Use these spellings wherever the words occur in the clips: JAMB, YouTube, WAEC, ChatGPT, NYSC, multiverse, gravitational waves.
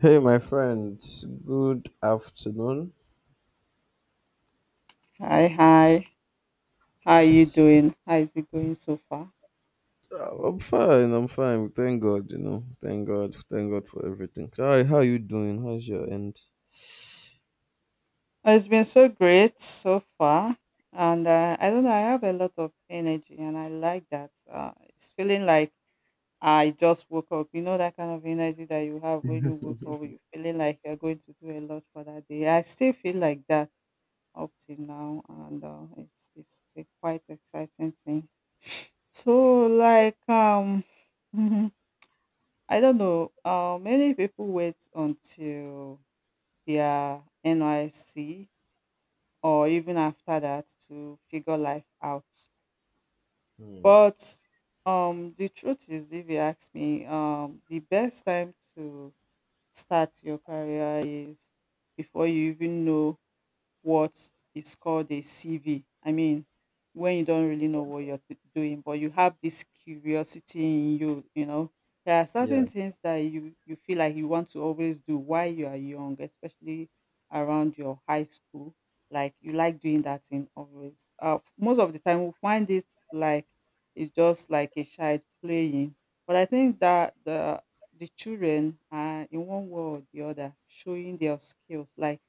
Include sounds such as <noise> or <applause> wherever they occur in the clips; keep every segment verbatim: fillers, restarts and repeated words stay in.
Hey, my friend, good afternoon. Hi, hi. How are you doing? How is it going so far? Uh, I'm fine, I'm fine. Thank God, you know. Thank God, thank God for everything. So, hi, how you doing? How's your end? Oh, it's been so great so far. And uh, I don't know, I have a lot of energy and I like that. Uh, it's feeling like I just woke up. You know, that kind of energy that you have when you woke up, you're feeling like you're going to do a lot for that day. I still feel like that up till now. And uh, it's, it's a quite exciting thing. So, like, um, <laughs> I don't know. Uh, many people wait until their N Y C or even after that to figure life out. Hmm. But um, the truth is, if you ask me, um, the best time to start your career is before you even know what is called a C V. I mean, when you don't really know what you're t- doing, but you have this curiosity in you, you know, there are Yeah. certain things that you, you feel like you want to always do while you are young, especially around your high school. Like you like doing that thing always. Uh, f- most of the time, we find it like it's just like a child playing. But I think that the the children are in one way or the other showing their skills. Like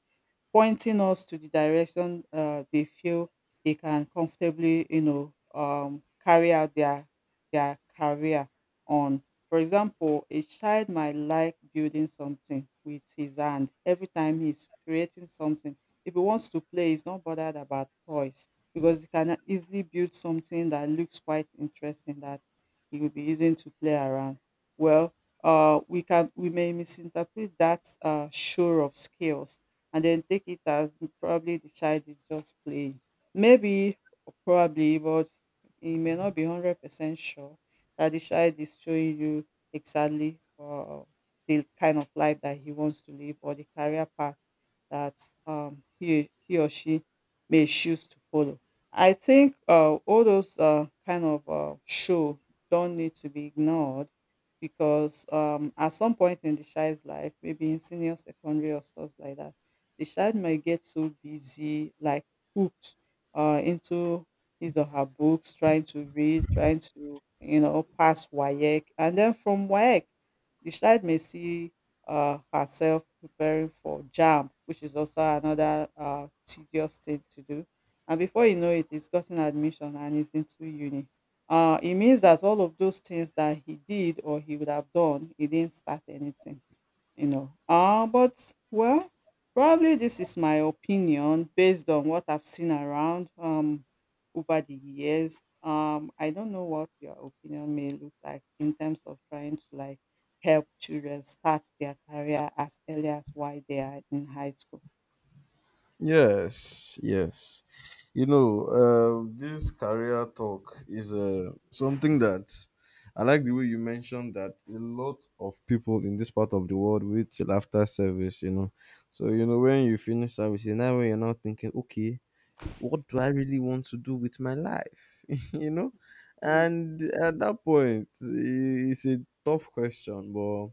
pointing us to the direction uh, they feel they can comfortably, you know, um, carry out their their career on. For example, a child might like building something with his hand. Every time he's creating something, if he wants to play, he's not bothered about toys because he can easily build something that looks quite interesting that he will be using to play around. Well, uh, we can we may misinterpret that uh, show of skills and then take it as probably the child is just playing. Maybe, or probably, but he may not be one hundred percent sure that the child is showing you exactly uh, the kind of life that he wants to live or the career path that um, he, he or she may choose to follow. I think uh, all those uh, kind of uh, show don't need to be ignored because um, at some point in the child's life, maybe in senior secondary or stuff like that, the child might get so busy, like hooked uh, into his or her books, trying to read, trying to, you know, pass WAEC. And then from WAEC, the child may see uh, herself preparing for JAM, which is also another uh, tedious thing to do. And before you know it, he's gotten admission and he's into uni. Uh, it means that all of those things that he did or he would have done, he didn't start anything, you know, uh, but well, probably this is my opinion based on what I've seen around um over the years. Um, I don't know what your opinion may look like in terms of trying to like help children start their career as early as while they are in high school. Yes, yes. You know, uh, this career talk is uh, something that I like the way you mentioned that a lot of people in this part of the world wait till after service, you know. So, you know, when you finish service, now when you're not thinking, okay, what do I really want to do with my life? <laughs> You know? Mm. And at that point, i- it's a tough question, but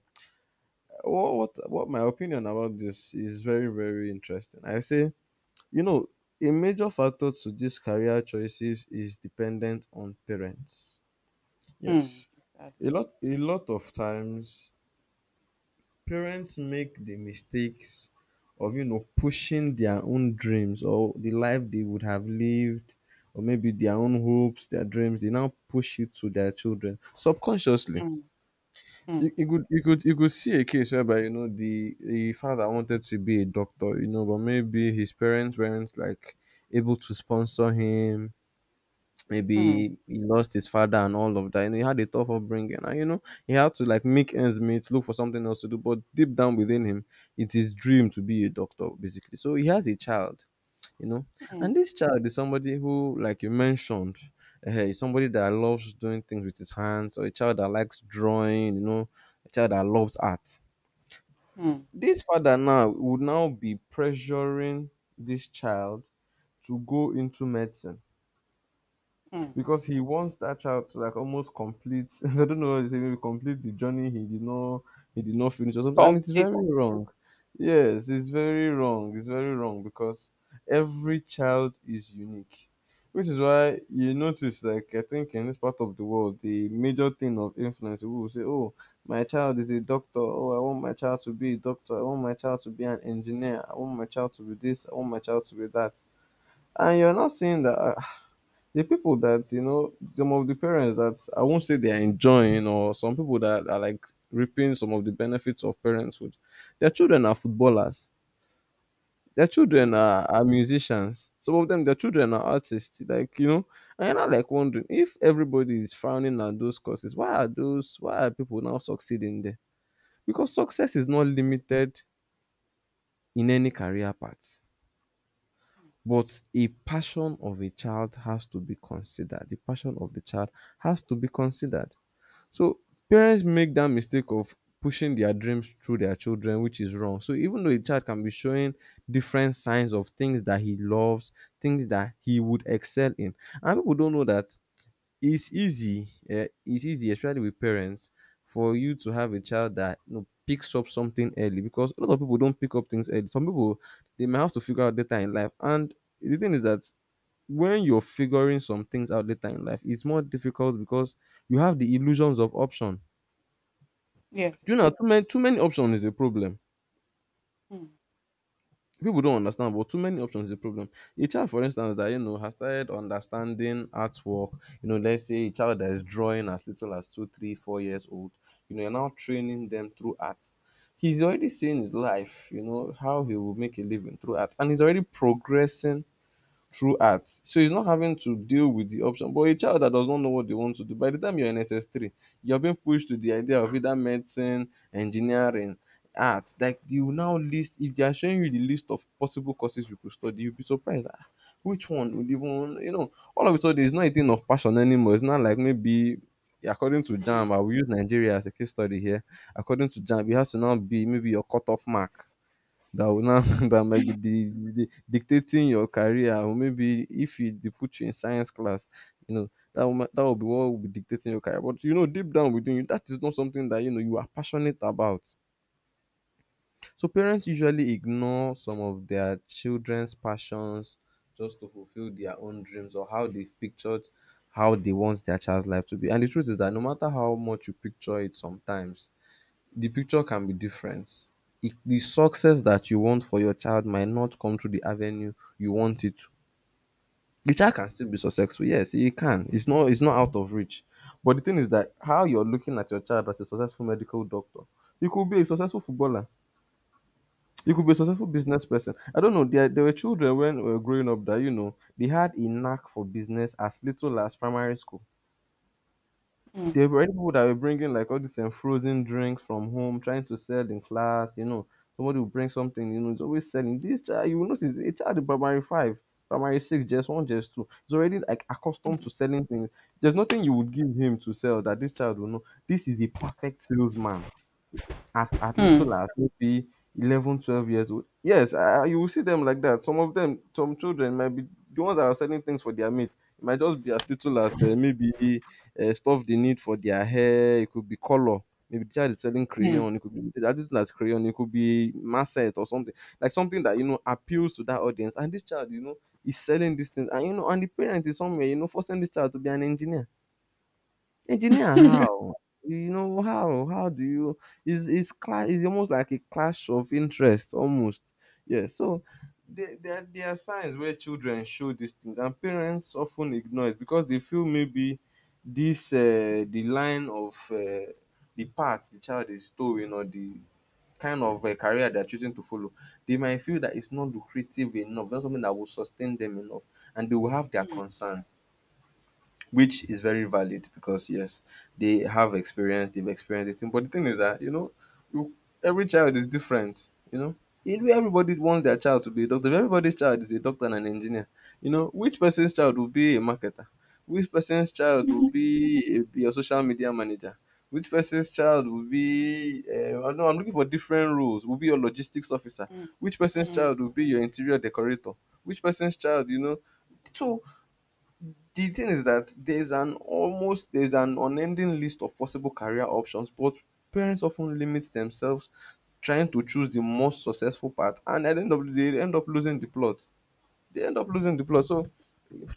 what, what, what my opinion about this is very, very interesting. I say, you know, a major factor to these career choices is dependent on parents. Mm. Yes. That- A lot, a lot of times parents make the mistakes of, you know, pushing their own dreams or the life they would have lived, or maybe their own hopes, their dreams, they now push it to their children subconsciously. Mm. you, Mm. you could you could you could see a case whereby, you know, the, the father wanted to be a doctor, you know, but maybe his parents weren't like able to sponsor him. Mm. Maybe he lost his father and all of that. You know, he had a tough upbringing, and, you know, he had to like make ends meet, look for something else to do. But deep down within him, it's his dream to be a doctor, basically. So he has a child, you know, and Mm. this child is somebody who, like you mentioned, eh, is somebody that loves doing things with his hands, or a child that likes drawing, you know, a child that loves art. Mm. This father now would now be pressuring this child to go into medicine Mm. because he wants that child to like almost complete. <laughs> I don't know what you say, maybe complete the journey he did not he did not finish or something. And it's Complete. very wrong. Yes, it's very wrong. It's very wrong because every child is unique, which is why you notice, like, I think in this part of the world the major thing of influence, people will say, "Oh, my child is a doctor. Oh, I want my child to be a doctor. I want my child to be an engineer. I want my child to be this. I want my child to be that." And you're not saying that the people that, you know, some of the parents that I won't say they are enjoying, or some people that are like reaping some of the benefits of parenthood, their children are footballers, their children Mm. are, are musicians, some of them their children are artists, like, you know. And I'm like wondering, if everybody is frowning at those courses, why are those, why are people now succeeding there? Because success is not limited in any career path, but a passion of a child has to be considered, the passion of the child has to be considered. So parents make that mistake of pushing their dreams through their children, which is wrong. So even though a child can be showing different signs of things that he loves, things that he would excel in, and people don't know that, it's easy. Eh, it's easy, especially with parents, for you to have a child that, you know, picks up something early, because a lot of people don't pick up things early. Some people, they may have to figure out later in life, and the thing is that when you're figuring some things out later in life, it's more difficult, because you have the illusions of option. Do Yes. you know, too many too many options is a problem. Mm. People don't understand, but too many options is a problem. A child, for instance, that, you know, has started understanding artwork. You know, let's say a child that is drawing as little as two, three, four years old. You know, you're now training them through art. He's already seeing his life. You know how he will make a living through art, and he's already progressing through arts. So he's not having to deal with the option. But a child that does not know what they want to do, by the time you're in S S three, you're being pushed to the idea of either medicine, engineering, arts. Like, they will now list, if they are showing you the list of possible courses you could study, you'll be surprised. Ah, which one would even, you know, all of a sudden it's not a thing of passion anymore. It's not like, maybe according to JAM, I will use Nigeria as a case study here. According to JAM, it has to now be maybe your cutoff mark that will now <laughs> that might be the, the dictating your career, or maybe if you, they put you in science class, you know, that will, ma- that will be what will be dictating your career, but you know deep down within you that is not something that you know you are passionate about. So parents usually ignore some of their children's passions just to fulfill their own dreams, or how they've pictured how they want their child's life to be. And the truth is that no matter how much you picture it, sometimes the picture can be different. It, the success that you want for your child might not come through the avenue you want it to. The child can still be successful. Yes, he can. It's not it's not out of reach. But the thing is that how you're looking at your child as a successful medical doctor, you could be a successful footballer, you could be a successful business person. I don't know. There there were children when we were growing up that, you know, they had a knack for business as little as primary school. Mm. There were people that were bringing like all these um, frozen drinks from home, trying to sell in class. You know, somebody will bring something. You know, it's always selling. This child, you will notice, a child in primary five, primary six, just one, just two, is already like accustomed Mm. to selling things. There's nothing you would give him to sell that this child will know. This is a perfect salesman. As as Mm. little as maybe eleven, twelve years old. Yes, I, I- you will see them like that. Some of them, some children might be the ones that are selling things for their mates. It might just be as little as uh, maybe uh, stuff they need for their hair. It could be color. Maybe the child is selling crayon. It could be as little as crayon. It could be masset or something, like something that, you know, appeals to that audience. And this child, you know, is selling these things, and, you know, and the parent is somewhere, you know, forcing this child to be an engineer. Engineer, how? You know, how how do you... is is class? Is almost like a clash of interest, almost. Yeah. So there, there, there are signs where children show these things, and parents often ignore it because they feel maybe this, uh, the line of, uh, the path the child is towing, or the kind of, uh, career they're choosing to follow, they might feel that it's not lucrative enough, not something that will sustain them enough, and they will have their Mm. concerns, which is very valid, because yes, they have experience, they've experienced it. But the thing is that, you know, you- every child is different. You know, Every- everybody wants their child to be a doctor. If everybody's child is a doctor and an engineer, you know, which person's child will be a marketer? Which person's child will Mm. be a, be a social media manager? Which person's child will be? Uh, no, I'm looking for different roles. Will be your logistics officer. Mm, Which person's mm, child will be your interior decorator? Which person's child, you know? So the thing is that there's an almost there's an unending list of possible career options, but parents often limit themselves trying to choose the most successful path, and at the end of the day they end up losing the plot, they end up losing the plot. So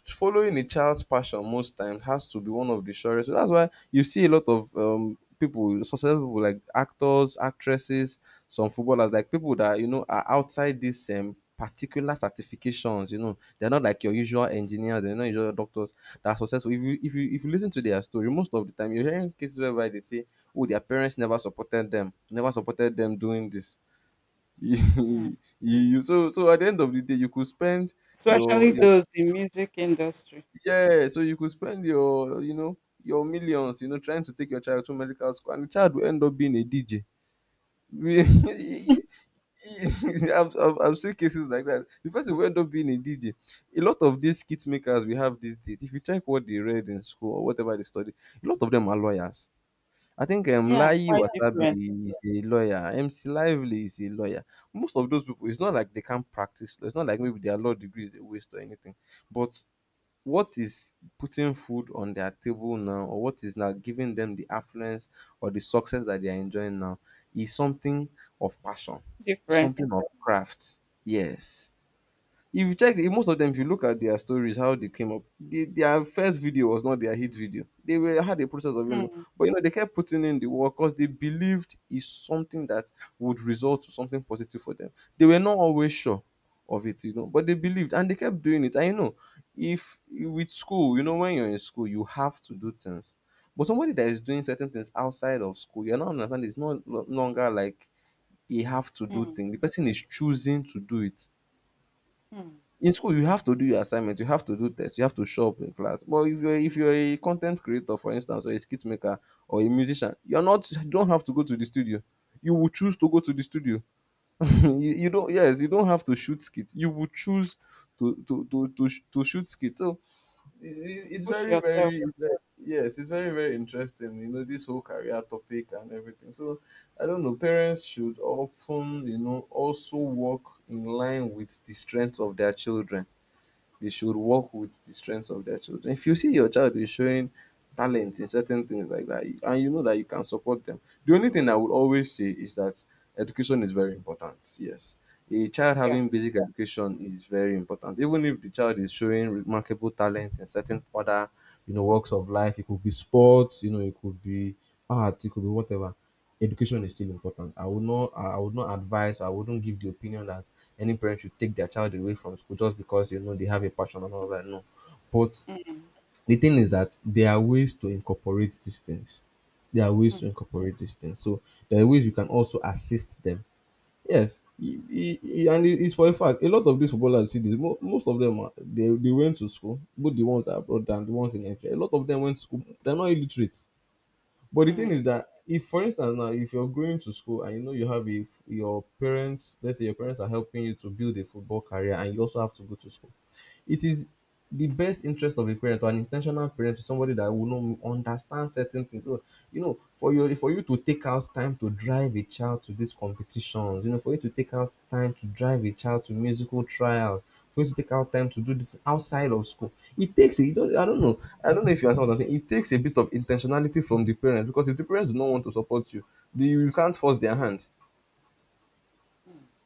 following a child's passion most times has to be one of the surest. So that's why you see a lot of um, people, successful people like actors, actresses, some footballers, like people that, you know, are outside these um, particular certifications. You know, they're not like your usual engineers, they're not usual doctors that are successful. If you if you if you listen to their story, most of the time you're hearing cases whereby they say, "Oh, their parents never supported them, never supported them doing this." <laughs> mm. you you so so at the end of the day you could spend Especially your your those in music industry. yeah, so you could spend your you know your millions, you know, trying to take your child to medical school and the child will end up being a D J. We- <laughs> I've, I've, I've seen cases like that. The person will end up being a D J. A lot of these kit makers we have these days, if you check what they read in school or whatever they study, a lot of them are lawyers. I think um, Yeah, Lai quite different. Wasabi is a lawyer. M C Lively is a lawyer. Most of those people, it's not like they can't practice law. It's not like maybe their law degree is a waste or anything. But what is putting food on their table now, or what is now giving them the affluence or the success that they are enjoying now, is something of passion, Different. something of craft. Yes, if you check, if most of them, if you look at their stories how they came up, they, their first video was not their hit video, they were had a process of, you know, Mm, but you know they kept putting in the work because they believed is something that would result to something positive for them. They were not always sure of it, you know, but they believed and they kept doing it. And you know, if with school, you know, when you're in school you have to do things, but somebody that is doing certain things outside of school, you're not understanding, it's not lo- longer like you have to do mm, thing, the person is choosing to do it. mm. In school you have to do your assignment, you have to do tests, you have to show up in class. But if you're if you're a content creator for instance, or a skit maker or a musician, you're not you don't have to go to the studio, you will choose to go to the studio. <laughs> you, you don't yes you don't have to shoot skits, you will choose to to to to, sh- to shoot skits. So i- i- it's Push very yourself. very very- yes it's very, very interesting, you know, this whole career topic and everything. So I don't know, parents should often, you know, also work in line with the strengths of their children. They should work with the strengths of their children If you see your child is showing talent in certain things like that, you- and you know that you can support them. The only thing I would always say is that education is very important. Yes. A child Yeah. having basic education is very important. Even if the child is showing remarkable talent in certain other, you know, works of life, it could be sports, you know, it could be art, it could be whatever. Education is still important. I would not, I I would not advise. I wouldn't give the opinion that any parent should take their child away from school just because you know they have a passion and all that. No, but Mm, the thing is that there are ways to incorporate these things. There are ways mm, to incorporate these things. So there are ways you can also assist them. Yes, e- e- e- and it- it's for a fact. A lot of these footballers you see this. mo- Most of them are they, they went to school, both the ones abroad and the ones in Nigeria. A lot of them went to school. They're not illiterate. But the thing mm, is that if, for instance, now if you're going to school and you know you have a f- your parents, let's say your parents are helping you to build a football career, and you also have to go to school. It is the best interest of a parent or an intentional parent to somebody that will know understand certain things. So, you know, for you for you to take out time to drive a child to these competitions, you know, for you to take out time to drive a child to musical trials, for you to take out time to do this outside of school, it takes a, you don't, I don't know, I don't know if you understand what I'm saying. It takes a bit of intentionality from the parents. Because if the parents do not want to support you, the, you can't force their mm, hand. mm.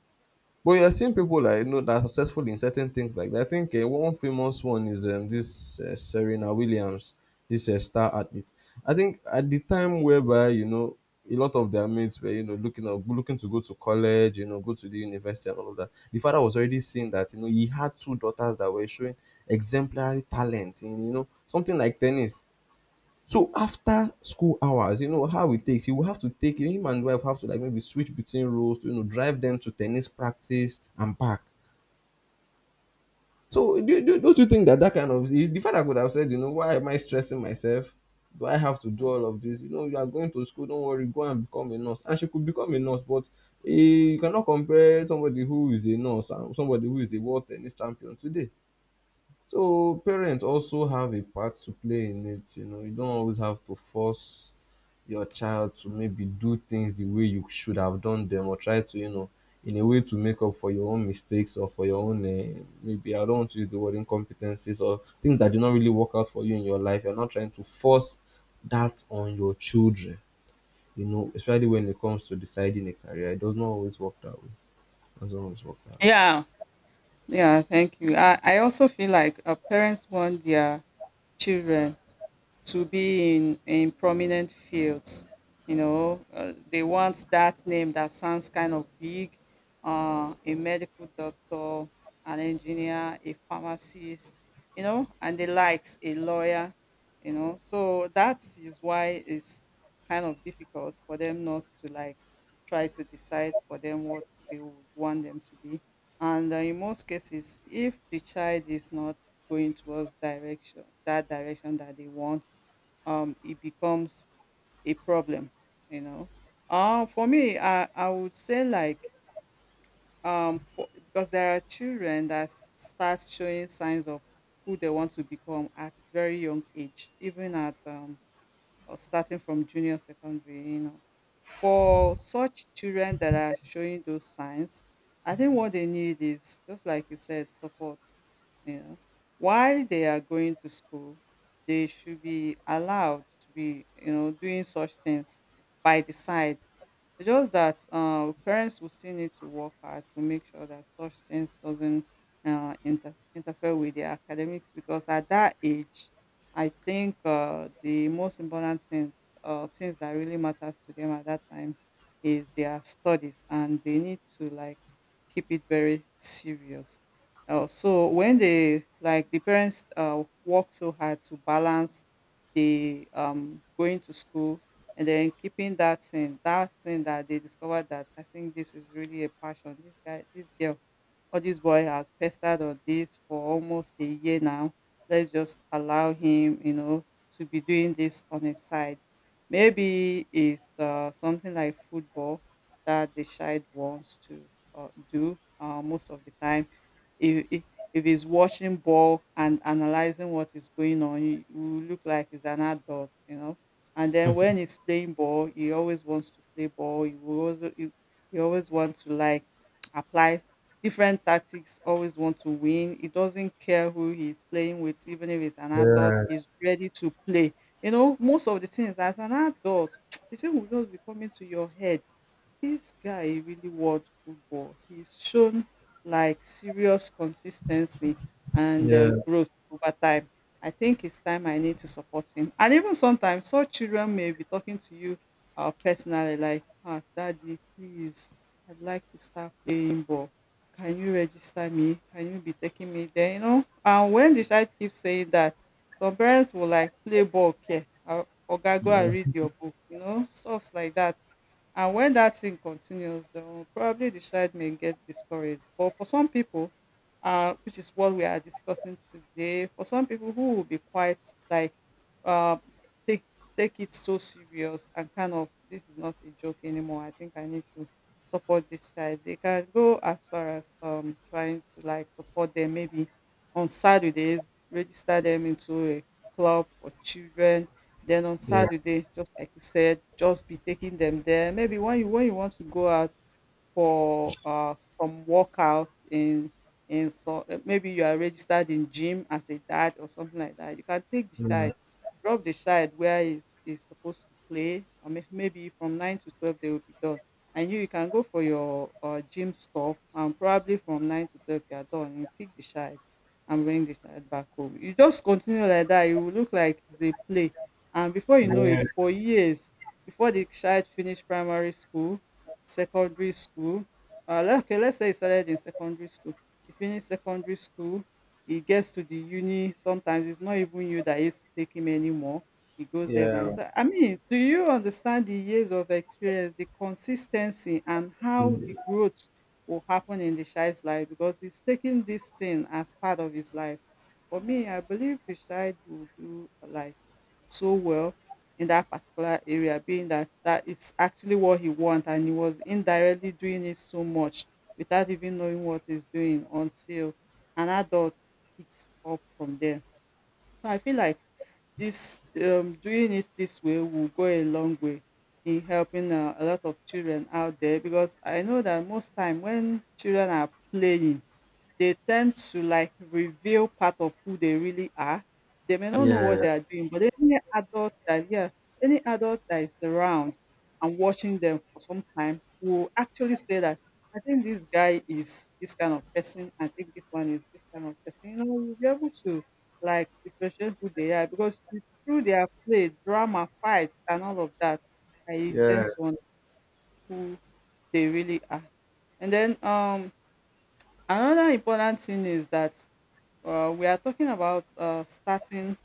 But you're seeing people like, you know, that are successful in certain things like that. I think uh, one famous one is um, this uh, Serena Williams, this uh, star athlete. I think at the time whereby, you know, a lot of their mates were, you know, looking up, looking to go to college, you know, go to the university and all of that. The father was already seeing that, you know, he had two daughters that were showing exemplary talent in, you know, something like tennis. So after school hours, you know how it takes. He will have to take him and wife have to like maybe switch between roles to, you know, drive them to tennis practice and back. So do, do, don't you think that that kind of the father could have said, you know, why am I stressing myself? Do I have to do all of this? You know, you are going to school. Don't worry, go and become a nurse. And she could become a nurse, but eh, you cannot compare somebody who is a nurse and somebody who is a world tennis champion today. So parents also have a part to play in it. You know, you don't always have to force your child to maybe do things the way you should have done them, or try to, you know, in a way to make up for your own mistakes or for your own uh, maybe I don't want to use the word incompetencies or things that did not really work out for you in your life. You're not trying to force that on your children. You know, especially when it comes to deciding a career, it does not always work that way. It doesn't always work that Yeah. Yeah. Thank you. I, I also feel like uh, parents want their children to be in in prominent fields, you know, uh, they want that name that sounds kind of big, uh, a medical doctor, an engineer, a pharmacist, you know, and the likes, a lawyer, you know. So that is why it's kind of difficult for them not to like try to decide for them what they would want them to be. And uh, in most cases, if the child is not going towards direction that direction that they want, um, it becomes a problem, you know. Um, for me, I, I would say like um, for, because there are children that s- start showing signs of who they want to become at very young age, even at um, or starting from junior secondary, you know. For such children that are showing those signs, I think what they need is just like you said, support. You know, while they are going to school, they should be allowed to be, you know, doing such things by the side. It's just that uh, parents will still need to work hard to make sure that such things doesn't uh, inter- interfere with their academics because at that age I think uh, the most important thing, uh, things that really matters to them at that time, is their studies, and they need to like keep it very serious. Uh, so when they like the parents uh, work so hard to balance the um, going to school and then keeping that thing, that thing that they discovered that I think this is really a passion. This guy, this girl, "Oh, this boy has pestered on this for almost a year now. Let's just allow him, you know, to be doing this on his side." Maybe it's uh, something like football that the child wants to uh, do uh, most of the time. If, if, if he's watching ball and analyzing what is going on, he will look like he's an adult, you know. And then when he's playing ball, he always wants to play ball. He will also, he, he always wants to like apply different tactics, always want to win. He doesn't care who he's playing with, even if it's an adult, way. he's ready to play. You know, most of the things as an adult, <tsk> the thing will just be coming to your head. This guy really watch football. He's shown like serious consistency Yeah, and uh, yeah, growth over time. I think it's time I need to support him. And even sometimes, some children may be talking to you uh, personally, like, ah, Daddy, please, I'd like to start playing ball. Can you register me? Can you be taking me there? You know, and when the child keeps saying that, some parents will like play ball care. Uh, Oga, go and read your book. You know, stuff like that. And when that thing continues, they will probably the child may get discouraged. But for some people, uh, which is what we are discussing today, for some people who will be quite like, uh, take take it so serious and kind of this is not a joke anymore. I think I need to support this child. They can go as far as um trying to like support them, maybe on Saturdays, register them into a club for children, then on yeah, Saturday, just like you said, just be taking them there. Maybe when you when you want to go out for uh, some workout in in so uh, maybe you are registered in gym as a dad or something like that. You can take the yeah, child, drop the child where is is supposed to play. I mean, maybe from nine to twelve they will be done, and you, you can go for your uh, gym stuff. And probably from nine to twelve you are done. You pick the child and bring the child back home. You just continue like that. You will look like it's a play, and before you know it yeah, for years, before the child finish primary school, secondary school, uh, le- okay, let's say he started in secondary school, he finish secondary school, he gets to the uni. Sometimes it's not even you that used to take him anymore, he goes there by yeah. himself. I mean, do you understand the years of experience, the consistency and how the growth will happen in the child's life? Because he's taking this thing as part of his life. For me, I believe the child will do like so well in that particular area, being that that is actually what he wants, and he was indirectly doing it so much without even knowing what he's doing until an adult picks up from there. So I feel like this um, doing it this way will go a long way in helping uh, a lot of children out there because I know that most time when children are playing they tend to like reveal part of who they really are. They may not know what Yeah, they are doing, but any adult that, yeah, any adult that is around and watching them for some time will actually say that I think this guy is this kind of person, I think this one is this kind of person. You know, you'll be able to like differentiate who they are because it's through their play, drama, fights and all of that, I tend yeah. to understand who they really are. And then um another important thing is that uh, we are talking about uh, starting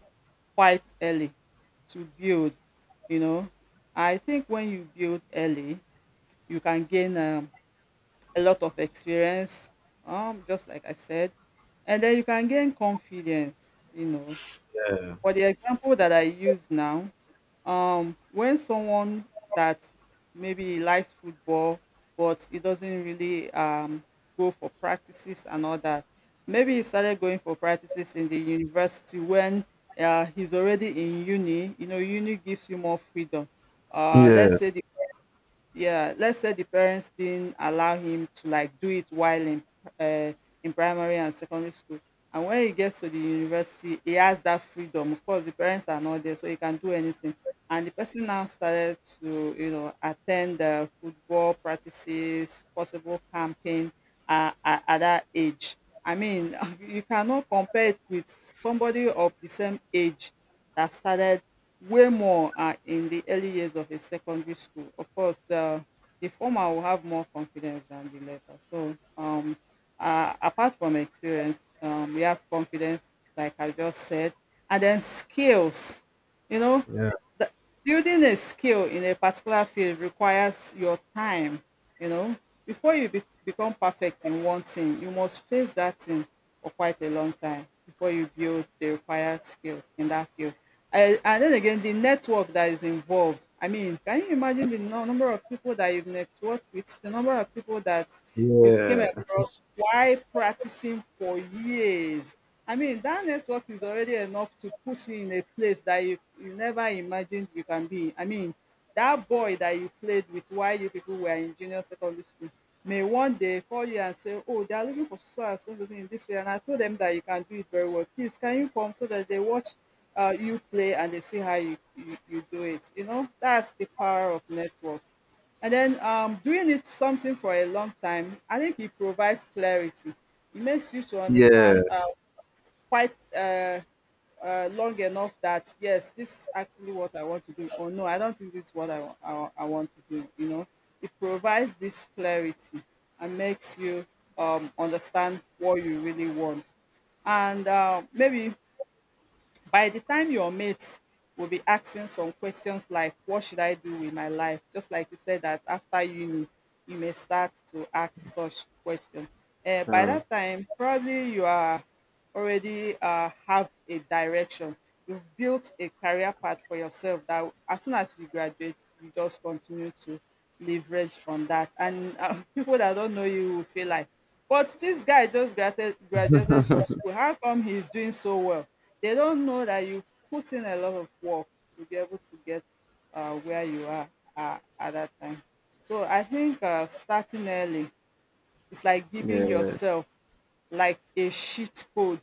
quite early to build you know i think when you build early you can gain um, a lot of experience, um, just like I said. And then you can gain confidence, you know, for the example that I use now. Um when someone that maybe likes football but he doesn't really um go for practices and all that, maybe he started going for practices in the university when uh, he's already in uni. You know, uni gives you more freedom. uh let's say Yes. yeah, let's say the parents didn't allow him to like do it while in uh, in primary and secondary school. And when he gets to the university, he has that freedom. Of course, the parents are not there, so he can do anything. And the person now started to, you know, attend the football practices, possible camping uh, at, at that age. I mean, <laughs> you cannot compare it with somebody of the same age that started way more are in the early years of a secondary school. Of course, the the former will have more confidence than the latter. So, um, uh, apart from experience, um, we have confidence, like I just said, and then skills. You know, Yeah. the, building a skill in a particular field requires your time. You know, before you be, become perfect in one thing, you must face that thing for quite a long time before you build the required skills in that field. And, and then again, the network that is involved. I mean, can you imagine the nu- number of people that you've networked with, the number of people that you've came Yeah. across while practicing for years? I mean, that network is already enough to put you in a place that you you never imagined you can be. I mean, that boy that you played with while you people were in junior secondary school may one day call you and say, "Oh, they are looking for so and so person in this way, and I told them that you can do it very well. Please, can you come so that they watch uh, you play and they see how you, you you do it?" You know, that's the power of network. And then um, doing it something for a long time, I think it provides clarity. It makes you to understand uh, Yes. quite uh, uh, long enough that yes, this is actually what I want to do, or no, I don't think this is what I, wa- I, I want to do. You know, it provides this clarity and makes you um, understand what you really want. And uh, maybe by the time your mates will be asking some questions like, "What should I do with my life?" Just like you said, that after uni, you may start to ask such questions. Eh, by Uh, that time, probably you are already uh, have a direction. You've built a career path for yourself that as soon as you graduate, you just continue to leverage on that. And uh, <laughs> people that don't know you will feel like, but this guy just graduated graduated from school. How come he's doing so well? They don't know that you put in a lot of work to be able to get uh, where you are uh, at that time. So I think uh, starting early, it's like giving yourself yes. like a cheat code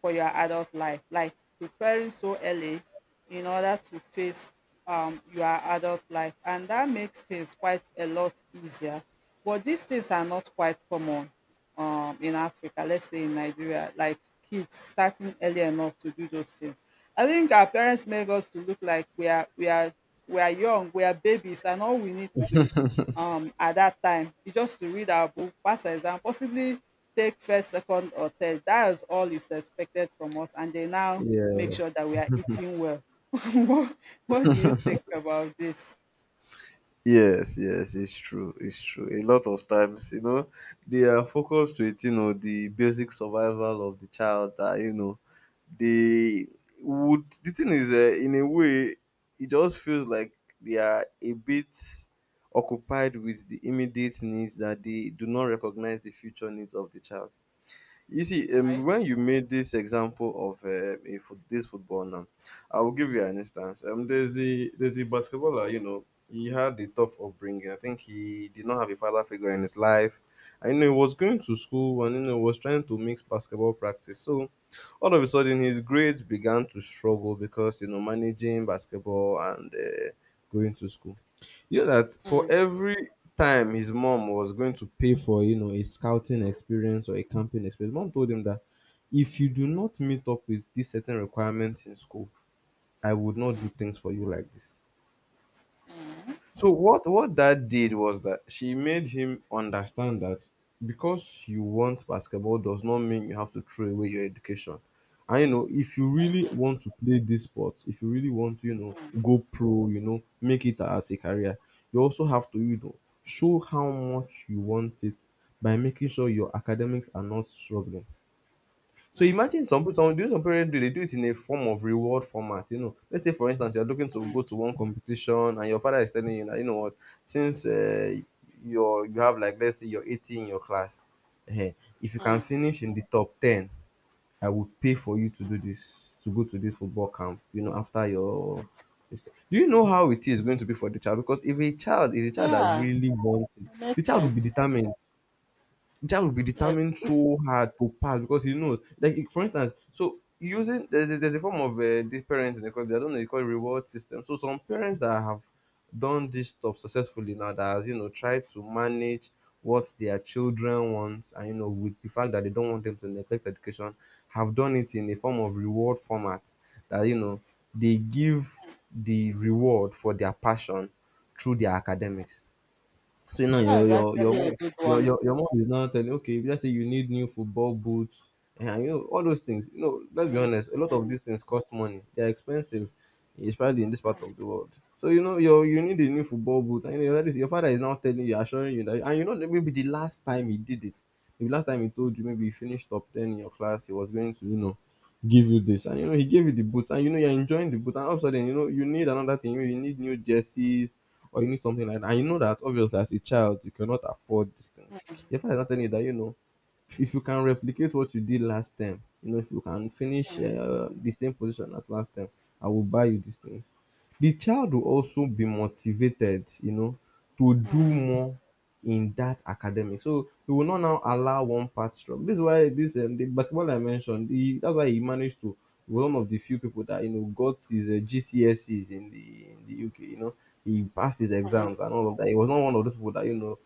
for your adult life, like preparing so early in order to face um, your adult life. And that makes things quite a lot easier. But these things are not quite common um, in Africa, let's say in Nigeria, like kids starting early enough to do those things. I think our parents make us to look like we are we are we are young, we are babies, and all we need to do um at that time is just to read our book, pass our exam, possibly take first, second, or third. That is all is expected from us, and they now make Yeah. sure that we are eating well. <laughs> what, what do you think about this? Yes. Yes. It's true. It's true. A lot of times, you know, they are focused with, you know, the basic survival of the child. That, you know, they would. The thing is, uh, in a way, it just feels like they are a bit occupied with the immediate needs that they do not recognize the future needs of the child. You see, um, Right? when you made this example of uh, a foot, this football now, I will give you an instance. Um, there's a there's a basketballer. You know, he had a tough upbringing. I think he did not have a father figure in his life. I know he was going to school and you know was trying to mix basketball practice. So all of a sudden, his grades began to struggle because you know managing basketball and uh, going to school. You know that for every time his mom was going to pay for, you know, a scouting experience or a camping experience, mom told him that if you do not meet up with these certain requirements in school, I would not do things for you like this. So what what that did was that she made him understand that because you want basketball does not mean you have to throw away your education. And you know, if you really want to play this sport, if you really want to, you know, go pro, you know, make it as a career, you also have to, you know, show how much you want it by making sure your academics are not struggling. So imagine some some do some parents do, they do it in a form of reward format, you know. Let's say for instance, you're looking to go to one competition and your father is telling you that, "You know what, since uh you're you have like, let's say you're eighty in your class, um, if you can Mm. finish in the top ten, I will pay for you to do this to go to this football camp, you know, after your" this thing. Do you know how it is going to be for the child? Because if a child is a child that Yeah, really wants it, it the makes child will be sense. determined. The child will be Yes, determined so hard to pass because he knows. Like if- for instance, so using there's, a- there's a form of uh, this parents in the country. I don't know. They call it reward system. So some parents that have done this stuff successfully now, that has you know tried to manage what their children wants, and you know with the fact that they don't want them to neglect education, have done it in a form of reward format that you know they give the reward for their passion through their academics. So now your that's your your actually a mom good your one. your your mom is now telling, okay, let's say you need new football boots and you know all those things. You know, let's be honest, a lot of these things cost money. They're expensive, especially in this part of the world. So you know you you need a new football boot and you know, that is, your father is now telling you, assuring you that, and you know that maybe the last time he did it. Maybe last time he told you maybe you finished top ten in your class, he was going to, you know, give you this. And you know, he gave you the boots and you know you're enjoying the boot. And all of a sudden, you know, you need another thing. Maybe you need new jerseys or you need something like that. And you know that obviously as a child you cannot afford these things. Your father is not telling you that, you know, if if you can replicate what you did last time, you know, if you can finish uh, the same position as last time, I will buy you these things. The child will also be motivated, you know, to do Mm. more in that academic. So we will not now allow one part struggle. This is why this um, the basketball I mentioned. He, that's why he managed to one of the few people that you know got his uh, G C S Es in the in the U K. You know, he passed his exams and all of that. He was not one of those people that you know.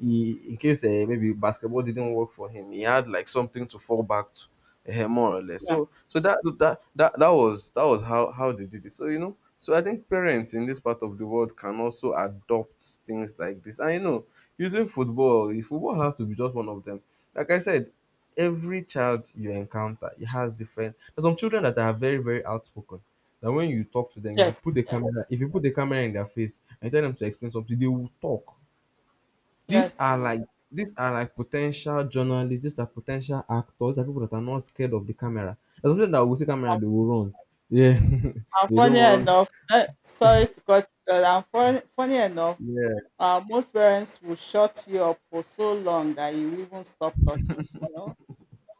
He, in case uh, maybe basketball didn't work for him, he had like something to fall back to eh, more or less. Yeah. So so that that that that was that was how how they did it. So you know, so I think parents in this part of the world can also adopt things like this. And you know, using football, if football has to be just one of them. Like I said, every child you encounter, it has different. There's some children that are very, very outspoken. That when you talk to them, if you Yes. put the Yes. camera, if you put the camera in their face and tell them to explain something, they will talk. These Yes. are So, like, these are like potential journalists, these are potential actors, these are people that are not scared of the camera. There's something that will see camera, I'm, they will run. Yeah, I'm <laughs> they funny don't want. enough. Eh, sorry to cut you short. I'm funny, funny enough. Yeah, Uh, most parents will shut you up for so long that you even stop talking. You know,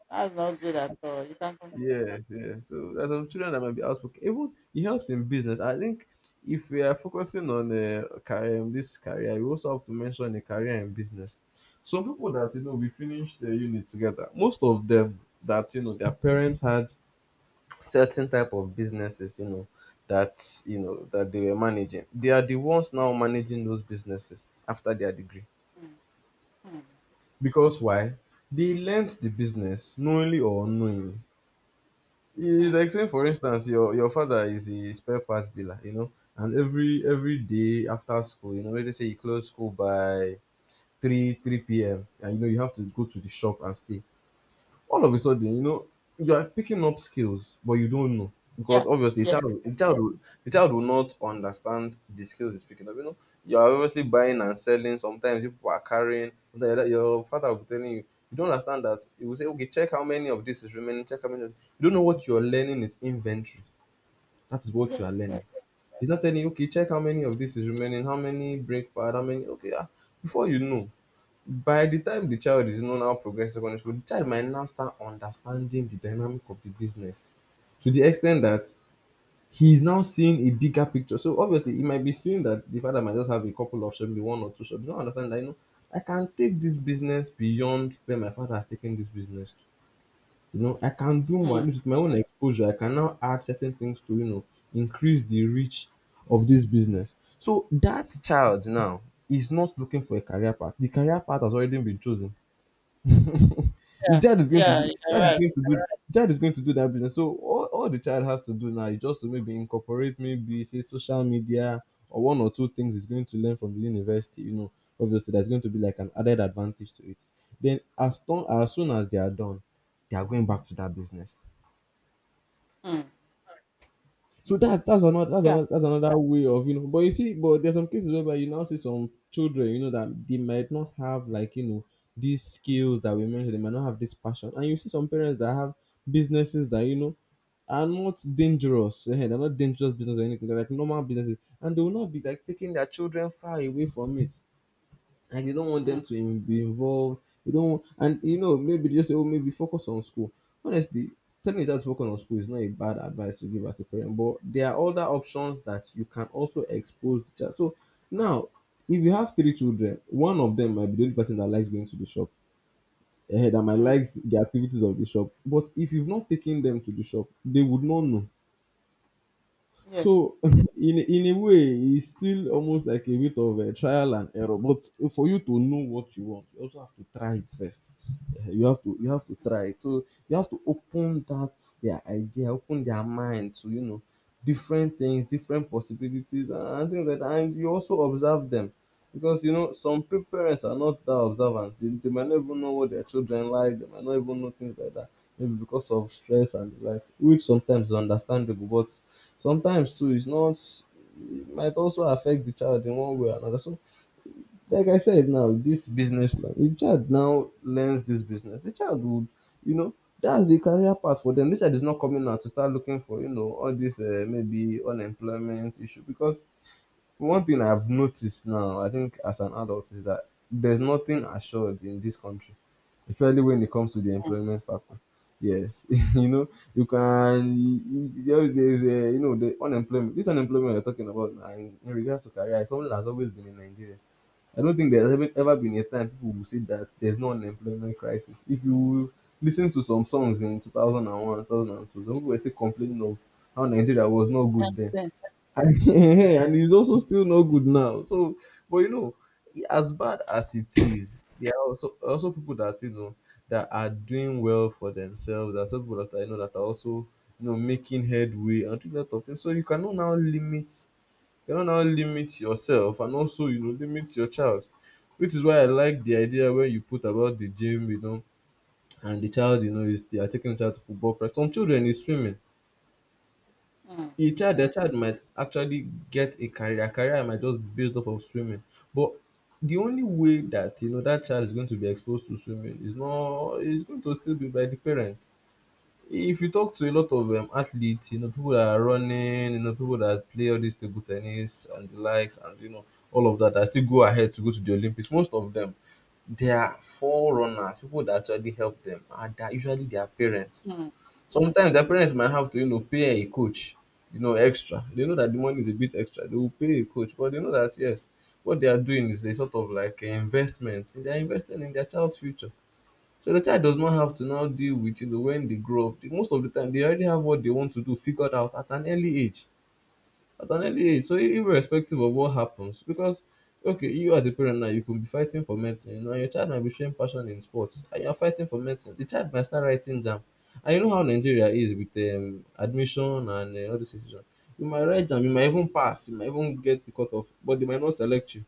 that's not good at all. You can continue. yeah, yeah. So there's some children that might be outspoken. Even it helps in business. I think if we are focusing on uh, career, this career, we also have to mention a career in business. Some people that you know we finished the unit together. Most of them that you know their parents had certain type of businesses, you know, that you know that they were managing, they are the ones now managing those businesses after their degree. Hmm. Hmm. Because why? They learnt the business knowingly or unknowingly. It's like saying, for instance, your your father is a spare parts dealer, you know, and every every day after school, you know, let's say you close school by three, three p.m, and you know you have to go to the shop and stay. All of a sudden, you know, you are picking up skills, but you don't know, Yeah. because obviously the Yes. child, will- the child, will- the child will not understand the skills he's picking up. You know, you are obviously buying and selling. Sometimes you people are carrying. Sometimes your father will be telling you. You don't understand that. He will say, "Okay, check how many of this is remaining. Check how many." Of, you don't know what you are learning is inventory. That is what you Yes. are learning. Yes. He's not telling you, "Okay, check how many of this is remaining. How many break pad? How many?" Okay, ah, before you know, by the time the child is you know now progressing secondary school, the child might now start understanding the dynamic of the business, to the extent that he is now seeing a bigger picture. So obviously he might be seeing that the father might just have a couple of shops, maybe one or two shops. He's now understanding that, you know, I can take this business beyond where my father has taken this business to. You know, I can do more. At Hmm. least with my own exposure I can now add certain things to, you know, increase the reach of this business. So that child now is not looking for a career path, the career path has already been chosen. <laughs> The Yeah. child is going to Yeah. do, child You're is right. going to do child is going to do that business. So all, all the child has to do now is just to maybe incorporate, maybe say, social media or one or two things he's going to learn from the university. You know, obviously there's going to be like an added advantage to it. Then as long as soon as they are done, they are going back to that business. Hmm. So that that's another that's Yeah. another that's another way of you know. But you see, but there's some cases whereby you now see some children, you know, that they might not have like you know these skills that we mentioned. They might not have this passion, and you see some parents that have businesses that you know are not dangerous. eh, They're not dangerous business or anything. They're like normal businesses, and they will not be like taking their children far away from it, like you don't want Hmm. them to in- be involved. You don't, and you know, maybe just say, oh, maybe focus on school. Honestly, telling a child to focus on school is not a bad advice to give as a parent, but there are other options that you can also expose the child. So now, if you have three children, one of them might be the only person that likes going to the shop. Eh, that might Hmm. likes the activities of the shop, but if you've not taken them to the shop, they would not know. Yes. So <laughs> in in a way, it's still almost like a bit of a trial and error. But for you to know what you want, you also have to try it first. Eh, You have to you have to try it. So you have to open that their idea, open their mind to you know different things, different possibilities, and things like that. And you also observe them, because you know some pa- parents are not that observant. They, they might not even know what their children like. They might not even know things like that. Maybe because of stress and the likes, which sometimes is understandable, but sometimes too it's not, it might also affect the child in one way or another. So, like I said now, this business line, the child now learns this business. The child would, you know, that's the career path for them. The child is not coming out to start looking for, you know, all this uh, maybe unemployment issue, because one thing I've noticed now, I think as an adult, is that there's nothing assured in this country, especially when it comes to the Hmm. employment factor. Yes, <laughs> you know, you can, there- there's a, you know, the unemployment, this unemployment you're talking about now in, in regards to career is something that's always been in Nigeria. I don't think there's ever, ever been a time people will say that there's no unemployment crisis. If you listen to some songs in two thousand one, two thousand two, some people were still complaining of how Nigeria was not good then. Yes. And <laughs> and he's also still not good now. So, but you know, as bad as it is, there are also also people that you know that are doing well for themselves. There are some people that are, you know, that are also you know making headway and doing a lot of things. So you cannot now limit you cannot now limit yourself and also you know limit your child, which is why I like the idea where you put about the gym, you know, and the child you know is they are taking the child to football practice. Some children is swimming. Hmm. A child a child might actually get a career. Their career might just be based off of swimming. But the only way that you know that child is going to be exposed to swimming is not is going to still be by the parents. If you talk to a lot of um, athletes, you know people that are running, you know people that play all this table tennis and the likes, and you know all of that that still go ahead to go to the Olympics, most of them. They are forerunners, people that actually help them, and they are usually their parents. Hmm. Sometimes their parents might have to, you know, pay a coach, you know, extra. They know that the money is a bit extra. They will pay a coach, but they know that yes, what they are doing is a sort of like an investment. They are investing in their child's future. So the child does not have to now deal with, you know, when they grow up. Most of the time they already have what they want to do figured out at an early age at an early age. So i- irrespective of what happens, because okay, you as a parent now, you could be fighting for medicine, you know, and your child might be showing passion in sports, and you're fighting for medicine. The child might start writing jam. And you know how Nigeria is with um, admission and uh, all this decision. You might write jam. you might even pass, you might even get the cut off, but they might not select you.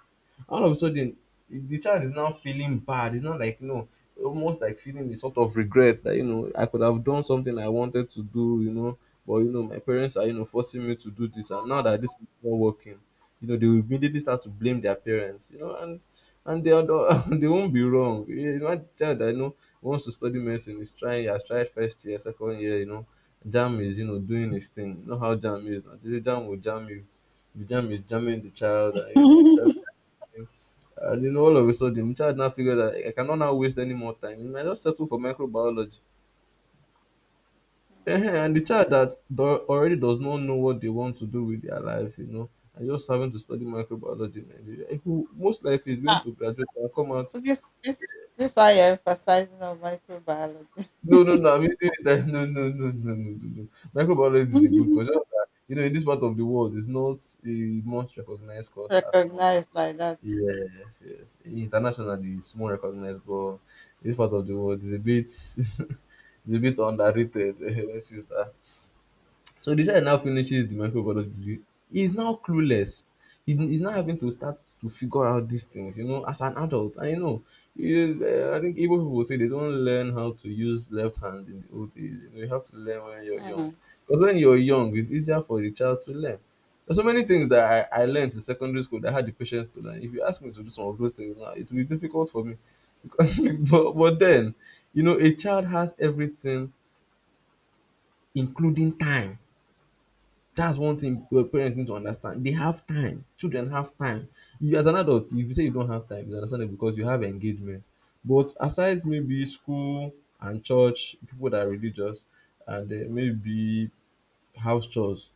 All of a sudden, the child is now feeling bad. It's not like no, almost like feeling the sort of regret that you know I could have done something I wanted to do, you know, but you know my parents are you know forcing me to do this, and now that this is not working, you know they will immediately start to blame their parents, you know, and and they are the, <laughs> they won't be wrong. You know, a child that you know wants to study medicine is trying, has tried first year, second year, you know, jam is you know doing his thing. You know how jam is now. This jam will jam you. The jam is jamming the child, and you know. Hmm. Child <laughs> and you know, all of a sudden, the child now figured that I cannot now waste any more time. You might just settle for microbiology. Ehen. And the child that do- already does not know what they want to do with their life, you know, and just having to study microbiology in Nigeria, eh, who most likely is going ah, to graduate and come out. so this this this I emphasizing of microbiology. No, no, no, I'm using it. <laughs> that- No, no, no, no, no, no, no. Microbiology is a good course. <laughs> Just that, You know, in this part of the world, it's not a much recognized course as much. Recognized like that. Yes, yes. Internationally, it's more recognized, but this part of the world is a bit, <laughs> is a bit underrated. <laughs> Let's use that. So the side now finishes the microbiology degree. He's now clueless. He, he's now having to start to figure out these things, you know, as an adult. I know. It is, uh, I think Igbo people say they don't learn how to use left hand in the old age. You, know, you have to learn when you're young. Mm, Because when you're young, it's easier for the child to learn. There's so many things that I, I learned in secondary school that I had the patience to learn. If you ask me to do some of those things now, it will be difficult for me. <laughs> Because, but, but then, you know, a child has everything, including time. That's mm, one thing your parents need to understand. They have time. Children have time. You as an adult, if you say you don't have time, it's understandable because you have engagement. But aside maybe school and church, people that are religious, and uh, maybe house chores,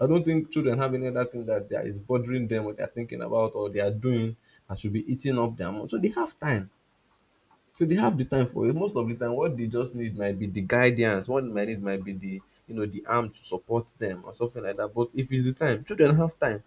I don't think children have any other thing that they are, is bothering them or they are thinking about or they are doing that should be eating up their money. So they have time. So they have the time for it. Most of the time, what they just need might be the guidance. What they might need might be the you know the arm to support them or something like that. But if it's the time, children have time.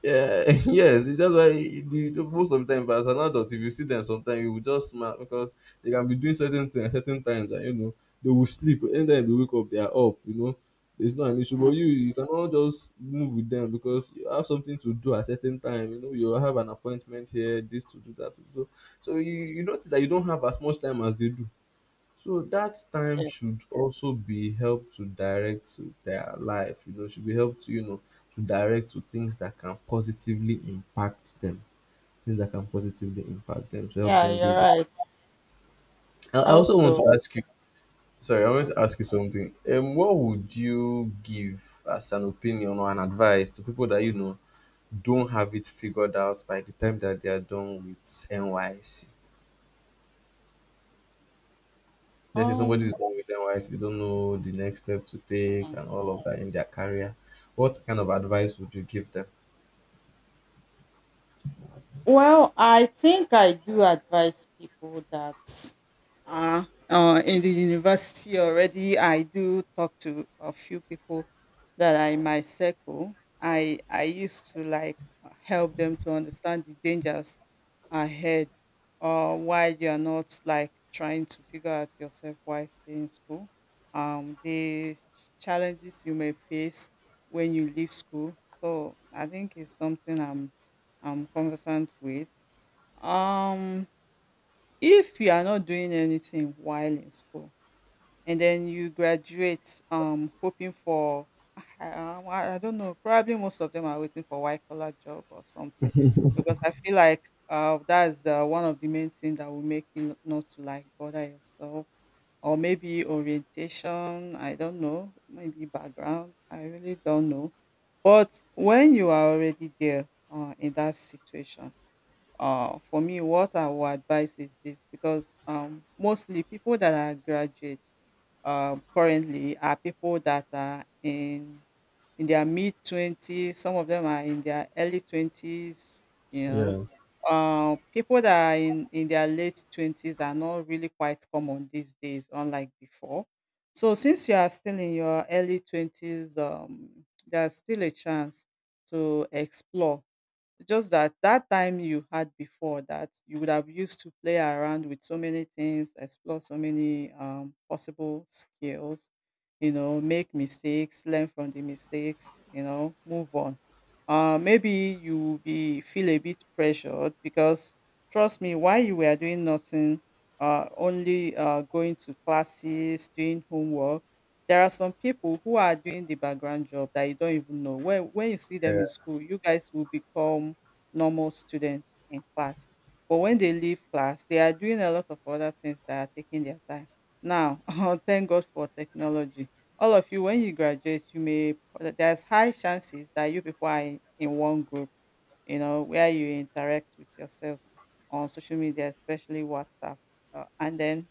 Yeah, <laughs> yes, that's why the, the- most of the time. But as an adult, if you see them sometimes, you will just smile because they can be doing certain things at certain times, and you know, they will sleep. Anytime they wake up, they are up, you know. It's not an issue, but mm, you you cannot just move with them because you have something to do at certain time. You know, you have an appointment here, this to do that. To So, so you, you notice that you don't have as much time as they do. So that time yes. should also be help to direct to their life, you know, should be help to, you know, to direct to things that can positively impact them. Things that can positively impact them to help Yeah, them you're build up. right. I I also want to Also, ask you, sorry, I want to okay. ask you something. Um what would you give as an opinion or an advice to people that you know don't have it figured out by the time that they are done with N Y C? Let's say somebody Um, is born with N Y S C, they don't know the next step to take and all of that in their career. What kind of advice would you give them? Well, I think I do advise people that uh, uh, in the university already, I do talk to a few people that are in my circle. I i used to like help them to understand the dangers ahead, or why you are not like trying to figure out yourself, why stay in school, um the challenges you may face when you leave school. So I think it's something i'm i'm conversant with. um if you are not doing anything while in school, and then you graduate um hoping for— I, um, I I don't know, probably most of them are waiting for white collar job or something, because I feel like uh, that's the, one of the main things that will make you not to like bother yourself, or maybe orientation, I don't know, maybe background, I really don't know. But when you are already there uh, in that situation, uh, for me, what I would advise is this. Because um, mostly people that are graduates um, currently are people that are in in their mid twenties. Some of them are in their early twenties. You know, Yeah. uh, people that are in in their late twenties are not really quite common these days, unlike before. So since you are still in your early twenties, um, there's still a chance to explore. Just that that time you had before that you would have used to play around with so many things, explore so many um, possible skills, you know, make mistakes, learn from the mistakes, you know, move on. Uh, maybe you will be feel a bit pressured because trust me, while you were doing nothing, uh, only uh, going to classes, doing homework, there are some people who are doing the background job that you don't even know. When when you see Yeah. them in school, you guys will become normal students in class. But when they leave class, they are doing a lot of other things that are taking their time. Now, <laughs> thank God for technology. All of you, when you graduate, you may— there's high chances that you people are in, in one group, you know, where you interact with yourselves on social media, especially WhatsApp. Uh, and then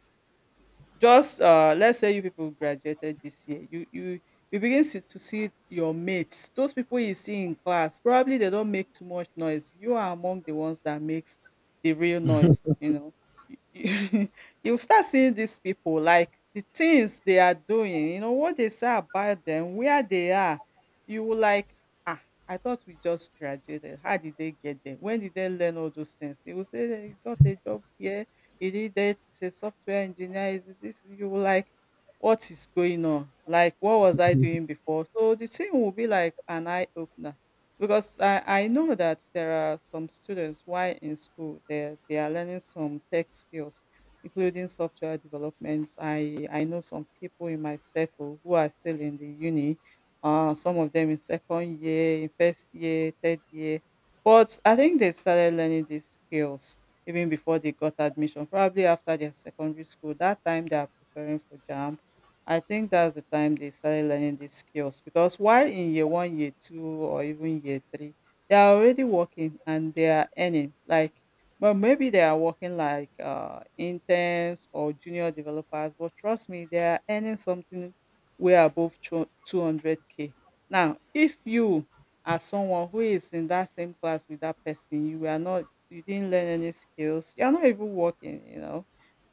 just uh, let's say you people graduated this year. You you you begin see, to see your mates, those people you see in class. Probably they don't make too much noise. You are among the ones that makes the real noise. You know, you, you <laughs> you start seeing these people like the things they are doing. You know what they say about them, where they are. You will like, ah, I thought we just graduated. How did they get there? When did they learn all those things? They will say they got a job here, he did that, he's a software engineer. Is this— you will like, what is going on? Like, what was I doing before? So the thing will be like an eye opener. Because I, I know that there are some students why in school they they are learning some tech skills, including software developments. I I know some people in my circle who are still in the uni. Uh, some of them in second year, in first year, third year. But I think they started learning these skills even before they got admission, probably after their secondary school. That time they are preparing for JAMB. I think that's the time they started learning these skills, because while in year one, year two, or even year three, they are already working and they are earning. Like, but maybe they are working like uh, interns or junior developers. But trust me, they are earning something way above two hundred k. Now, if you as someone who is in that same class with that person, you are not— you didn't learn any skills. You're not even working, you know.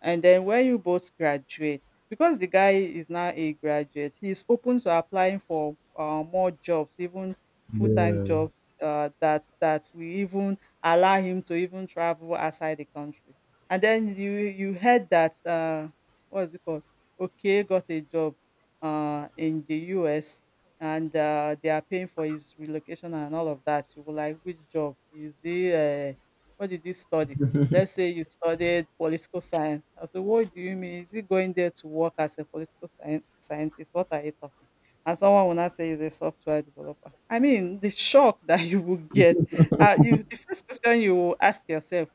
And then when you both graduate, because the guy is now a graduate, he's open to applying for uh, more jobs, even full time Yeah. jobs uh, that that will even allow him to even travel outside the country. And then you you heard that uh, what is it called? Okay, got a job uh, in the U S, and uh, they are paying for his relocation and all of that. You were like, which job is he? Uh, what did you study? Let's say you studied political science. I said, "What do you mean? Is he going there to work as a political scien- scientist? What are you talking?" And someone will not say he's a software developer. I mean, the shock <laughs> that you will get. Uh, you the first question you will ask yourself,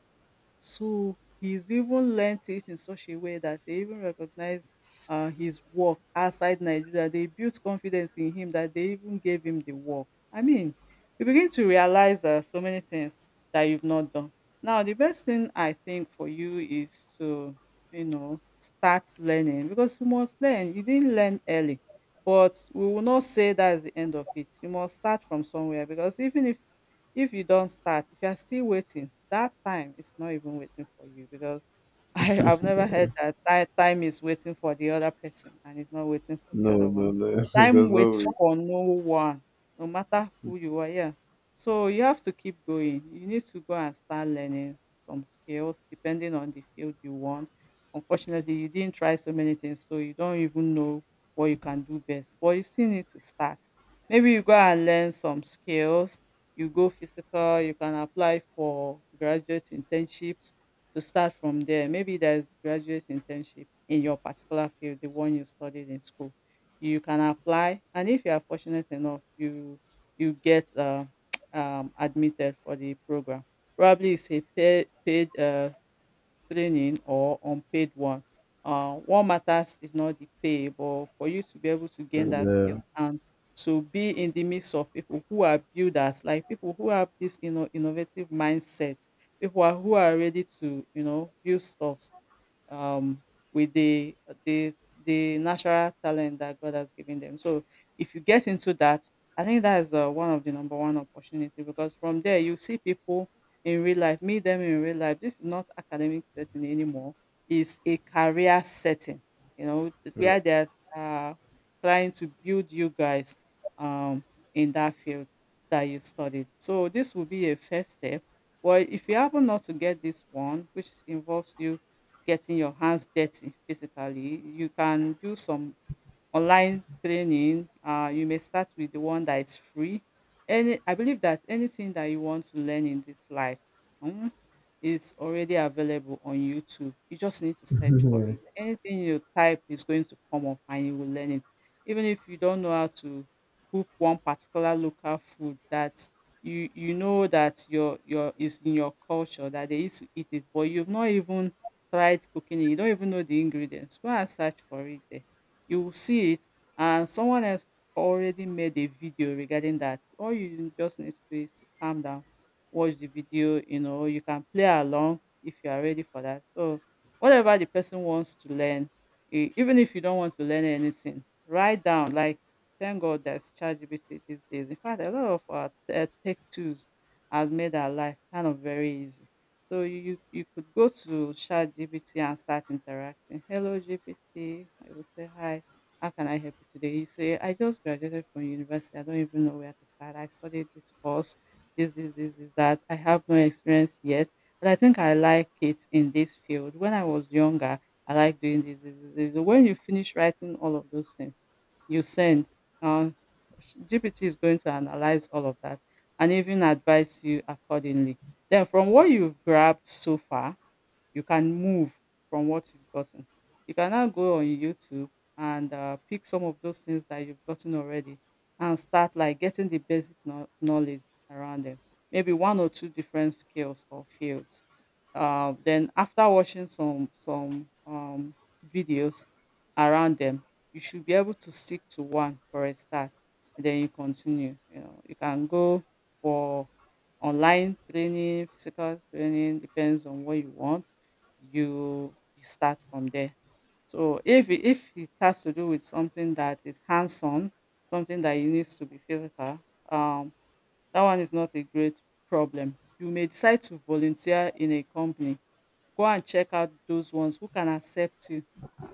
so he's even learnt it in such a way that they even recognize uh, his work outside Nigeria. They built confidence in him that they even gave him the work. I mean, you begin to realize uh, so many things that you've not done. Now, the best thing I think for you is to, you know, start learning because you must learn. You didn't learn early, but we will not say that's the end of it. You must start from somewhere because even if if you don't start, if you are still waiting, that time is not even waiting for you because <laughs> I I've never heard that ti time is waiting for the other person and it's not waiting for the No, other one. no, no. <laughs> Time There's no way. waits for no one, no matter who you are, yeah. So you have to keep going. You need to go and start learning some skills depending on the field you want. Unfortunately, you didn't try so many things, so you don't even know what you can do best, but you still need to start. Maybe you go and learn some skills, you go physical, you can apply for graduate internships to start from there. Maybe there's graduate internship in your particular field, the one you studied in school. You can apply, and if you are fortunate enough, you you get uh, <tsk> um, admitted for the program. Probably it's a paid, paid uh, training or unpaid one. Uh, what matters is not the pay, but for you to be able to gain that Yeah. skills and to be in the midst of people who are builders, like people who have this, you know innovative mindset, people who are, who are ready to, you know build stuff um, with the the the natural talent that God has given them. So if you get into that, I think that is uh, one of the number one opportunity because from there you see people in real life, meet them in real life. This is not academic setting anymore; it's a career setting. You know Yeah. where they are uh, trying to build you guys um, in that field that you studied. So this will be a first step. Well, if you happen not to get this one, which involves you getting your hands dirty physically, you can do some online training. Uh, you may start with the one that is free. Any, I believe that anything that you want to learn in this life mm, is already available on YouTube. You just need to search for it. Anything you type is going to come up and you will learn it. Even if you don't know how to cook one particular local food that you you know that your your is in your culture that they used to eat it, but you've not even tried cooking it. You don't even know the ingredients. Go and search for it, you will see it, and someone else already made a video regarding that. All you just need to do is to calm down, watch the video. You know, you can play along if you are ready for that. So whatever the person wants to learn, e- even if you don't want to learn anything, write down, like, thank God there's ChatGPT these days. In fact, a lot of our uh, tech tools has made our life kind of very easy. So you you could go to ChatGPT and start interacting. "Hello G P T" I will say. "Hi. How can I help you today?" You say, "I just graduated from university. I don't even know where to start. I studied this course, this this this, is that. I have no experience yet, but I think I like it in this field. When I was younger, I like doing this, this, this, this." So when you finish writing all of those things, you send. Um, G P T is going to analyze all of that and even advise you accordingly. Then from what you've grabbed so far, you can move from what you've gotten. You can now go on YouTube and uh, pick some of those things that you've gotten already and start, like, getting the basic know- knowledge around them. Maybe one or two different skills or fields. Uh, then after watching some some um, videos around them, you should be able to stick to one for a start, and then you continue. You know, you can go for online training, physical training, depends on what you want. You you start from there. So if it- if it has to do with something that is hands on, something that you needs to be physical, um, that one is not a great problem. You may decide to volunteer in a company. Go and check out those ones who can accept you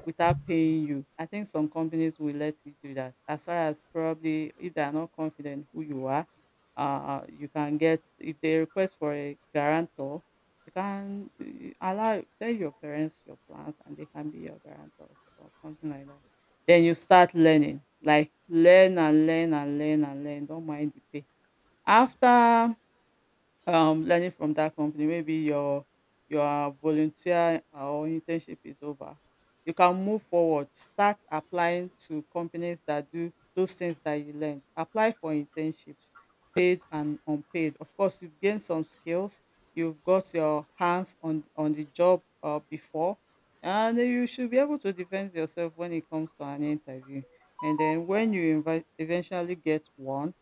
without paying you. I think some companies will let you do that. As far as probably if they are not confident who you are, uh, you can get, if they request for a guarantor, you can, uh, allow tell your parents your plans and they can be your guarantors or something like that. Then you start learning, like, learn and learn and learn and learn. Don't mind the pay. After um learning from that company, maybe your your volunteer uh, or internship is over, you can move forward, start applying to companies that do those things that you learned. Apply for internships, paid and unpaid. Of course, you gain some skills, you've got your hands on on the job uh, before, and you should be able to defend yourself when it comes to an interview. And then when you invite, eventually get one,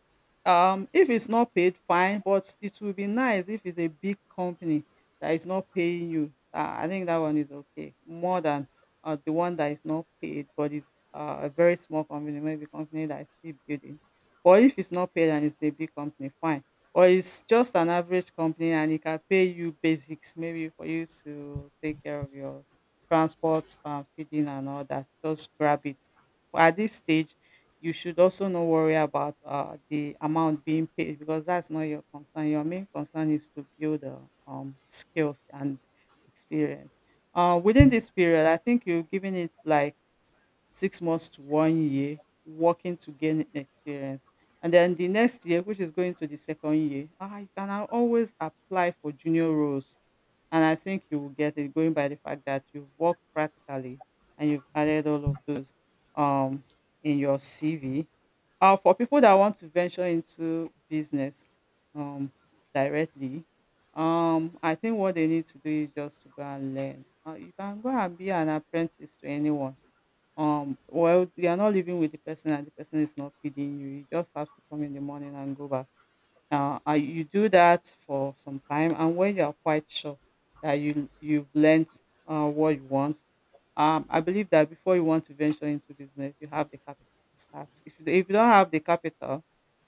um, if it's not paid, fine, but it will be nice if it's a big company that is not paying you. Uh, I think that one is okay more than uh, the one that is not paid, but it's uh, a very small company, maybe company that is still building. But if it's not paid and it's a big company, fine. Or it's just an average company and it can pay you basics, maybe for you to take care of your transport, uh, feeding, and all that. Just grab it. But at this stage, you should also not worry about uh, the amount being paid because that's not your concern. Your main concern is to build uh, um, skills and experience. Uh, within this period, I think you're giving it like six months to one year working to gain experience. And then the next year, which is going to the second year, ah, you can al- always apply for junior roles, and I think you will get it going by the fact that you've worked practically and you've added all of those um, in your C V. Uh, for people that want to venture into business um, directly, um, I think what they need to do is just to go and learn. Uh, you can go and be an apprentice to anyone. Um, well, you are not living with the person and the person is not feeding you. You just have to come in the morning and go back. Now, uh, you do that for some time, and when you are quite sure that you you've learned uh, what you want, um, I believe that before you want to venture into business, you have the capital to start. If you if you don't have the capital,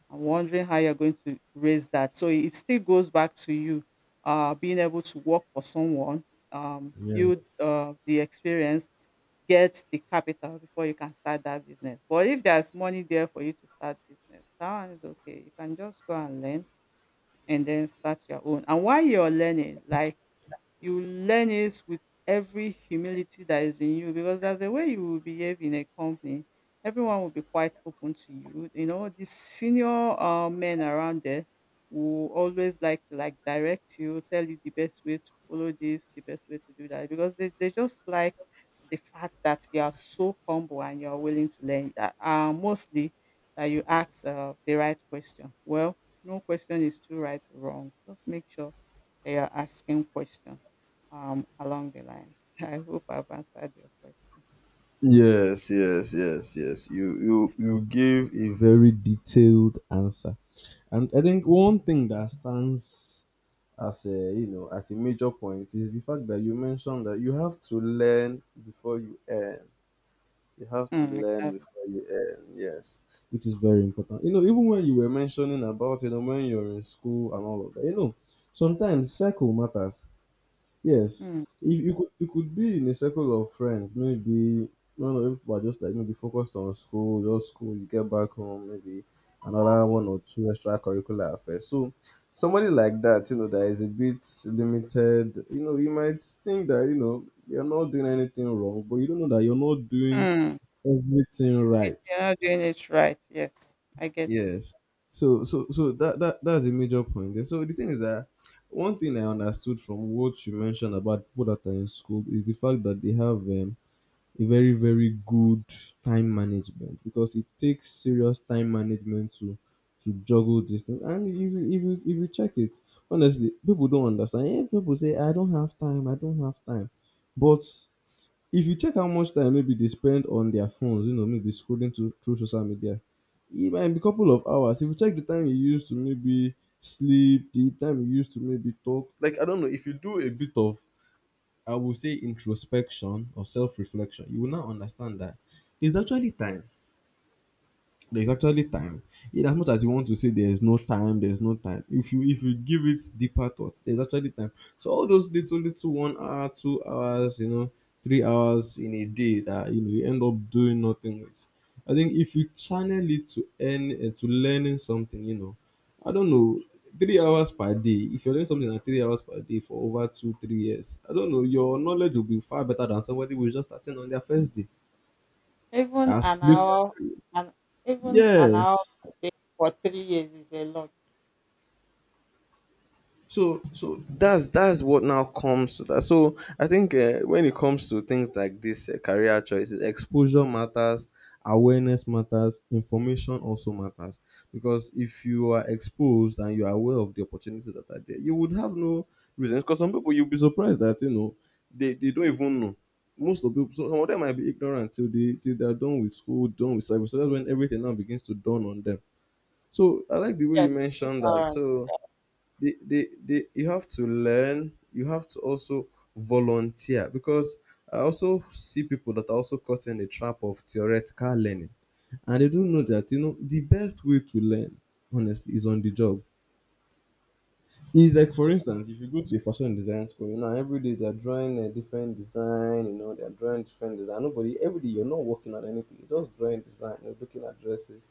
I'm wondering how you're going to raise that. So it still goes back to you, uh, being able to work for someone, um, Yeah. build uh, the experience, get the capital before you can start that business. But if there's money there for you to start business, that one is okay. You can just go and learn and then start your own. And while you're learning, like, you learn it with every humility that is in you because that's the way you will behave in a company. Everyone will be quite open to you. You know, the senior uh, men around there will always like to, like, direct you, tell you the best way to follow this, the best way to do that, because they, they just like the fact that you are so humble and you are willing to learn. That, uh, mostly that you ask uh, the right question. Well, no question is too right or wrong. Just make sure they are asking questions um, along the line. <laughs> I hope I've answered your question. Yes, yes, yes, yes. You you you gave a Very detailed answer. And I think one thing that stands as a you know as a major point is the fact that you mentioned that you have to learn before you earn. You have to Mm, learn exactly. before you earn, yes, which is very important. You know, even when you were mentioning about, you know, when you're in school and all of that, you know, sometimes circle matters. Yes, Mm, if you could, you could be in a circle of friends, maybe, no, no, people are just like maybe focused on school, your school, you get back home, maybe another one or two extracurricular affairs. So, somebody like that, you know, that is a bit limited, you know, you might think that, you know, you're not doing anything wrong, but you don't know that you're not doing mm. everything If right. you're not doing it right. Yes, I get it. Yes. So so so that that that's a major point there. So the thing is that one thing I understood from what you mentioned about people that are in school is the fact that they have um, a very very good time management, because it takes serious time management to to juggle this thing. And if you if you if you check it, honestly, people don't understand. Yeah, people say I don't have time. I don't have time, but if you check how much time maybe they spend on their phones, you know, maybe scrolling to, through social media, it might be a couple of hours. If you check the time you use to maybe sleep, the time you use to maybe talk, like I don't know, if you do a bit of, I would say, introspection or self reflection, you will now understand that it's actually time. There's Mm. actually time. In as much as you want to say there's no time, there's no time. If you if you give it deeper thought, there's actually time. So all those little little one hour, two hours, you know, three hours in a day that you know you end up doing nothing with. I think if you channel it to earn uh, to learning something, you know, I don't know, three hours per day. If you're doing something at three hours per day for over two, three years, I don't know, your knowledge will be far better than somebody who's just starting on their first day. Even As an little, hour, and even an hour yes, a day for three years is a lot. so so that's that's what now comes to that. So I think uh, when it comes to things like this, uh, career choices, exposure matters, awareness matters, information also matters. Because if you are exposed and you are aware of the opportunities that are there, you would have no reasons. Because some people, you'll be surprised that you know they, they don't even know, most of people. So some of them might be ignorant till they till they're done with school, done with service. So that's when everything now begins to dawn on them. So I like the way you Yes, mentioned that. ignorance. So they, they, they you have to learn, you have to also volunteer. Because I also see people that are also caught in the trap of theoretical learning, and they don't know that you know the best way to learn honestly is on the job. It's like, for instance, if you go to a fashion design school, you know, every day they're drawing a different design, you know, they're drawing different design, nobody, every day you're not working on anything, you're just drawing design, you're looking at dresses.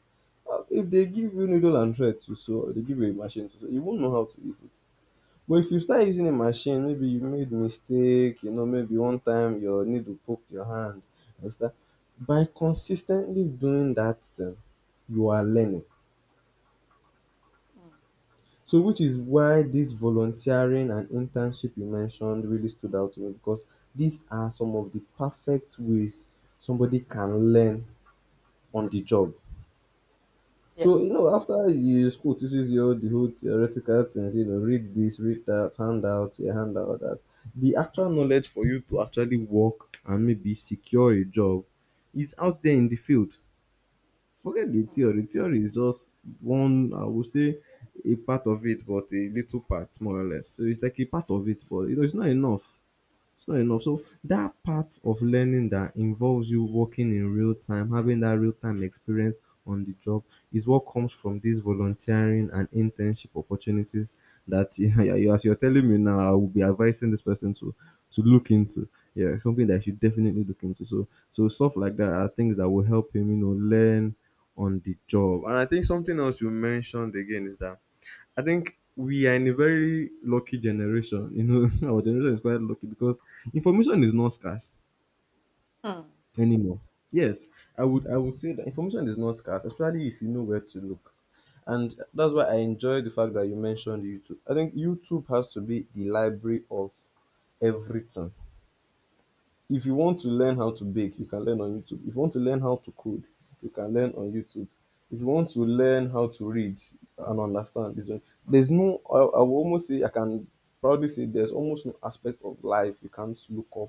Uh, if they give you needle and thread to sew, or they give you a machine to sew, you won't know how to use it. But if you Mm, start using a machine, maybe you made mistake, you know, maybe one time your needle poked your hand, you start by consistently doing that thing, you are learning. mm. So which is why this volunteering and internship you mentioned really stood out to me, because these are some of the perfect ways somebody can learn on the job. Yes. So, you know, after you, school teaches you all the whole theoretical things, you know, read this, read that, hand out here, hand out that, the actual knowledge for you to actually work and maybe secure a job is out there in the field. Forget the Mm, theory. Theory is just one, I would say, a part of it, but a little part, more or less. So it's like a part of it, but, you know, it's not enough. So not enough. So that part of learning that involves you working in real time, having that real time experience on the job, is what comes from these volunteering and internship opportunities that <laughs> you, you- as you're telling me now, I will be advising this person to to look into. Yeah, something that you should definitely look into. So so stuff like that are things that will help him, you know, learn on the job. And I think something else you mentioned again is that I think we are in a very lucky generation. You know, <laughs> our generation is quite lucky because information is not scarce mm, anymore. Yes, I would I would say that information is not scarce, especially if you know where to look. And that's why I enjoy the fact that you mentioned YouTube. I think YouTube has to be the library of everything. If mm, you want to learn how to bake, you can learn on YouTube. If you want to learn how to code, you can learn on YouTube. If you want to learn how to read and understand, it's there's no, I, I will almost say, I can proudly say, there's almost no aspect of life you can't look up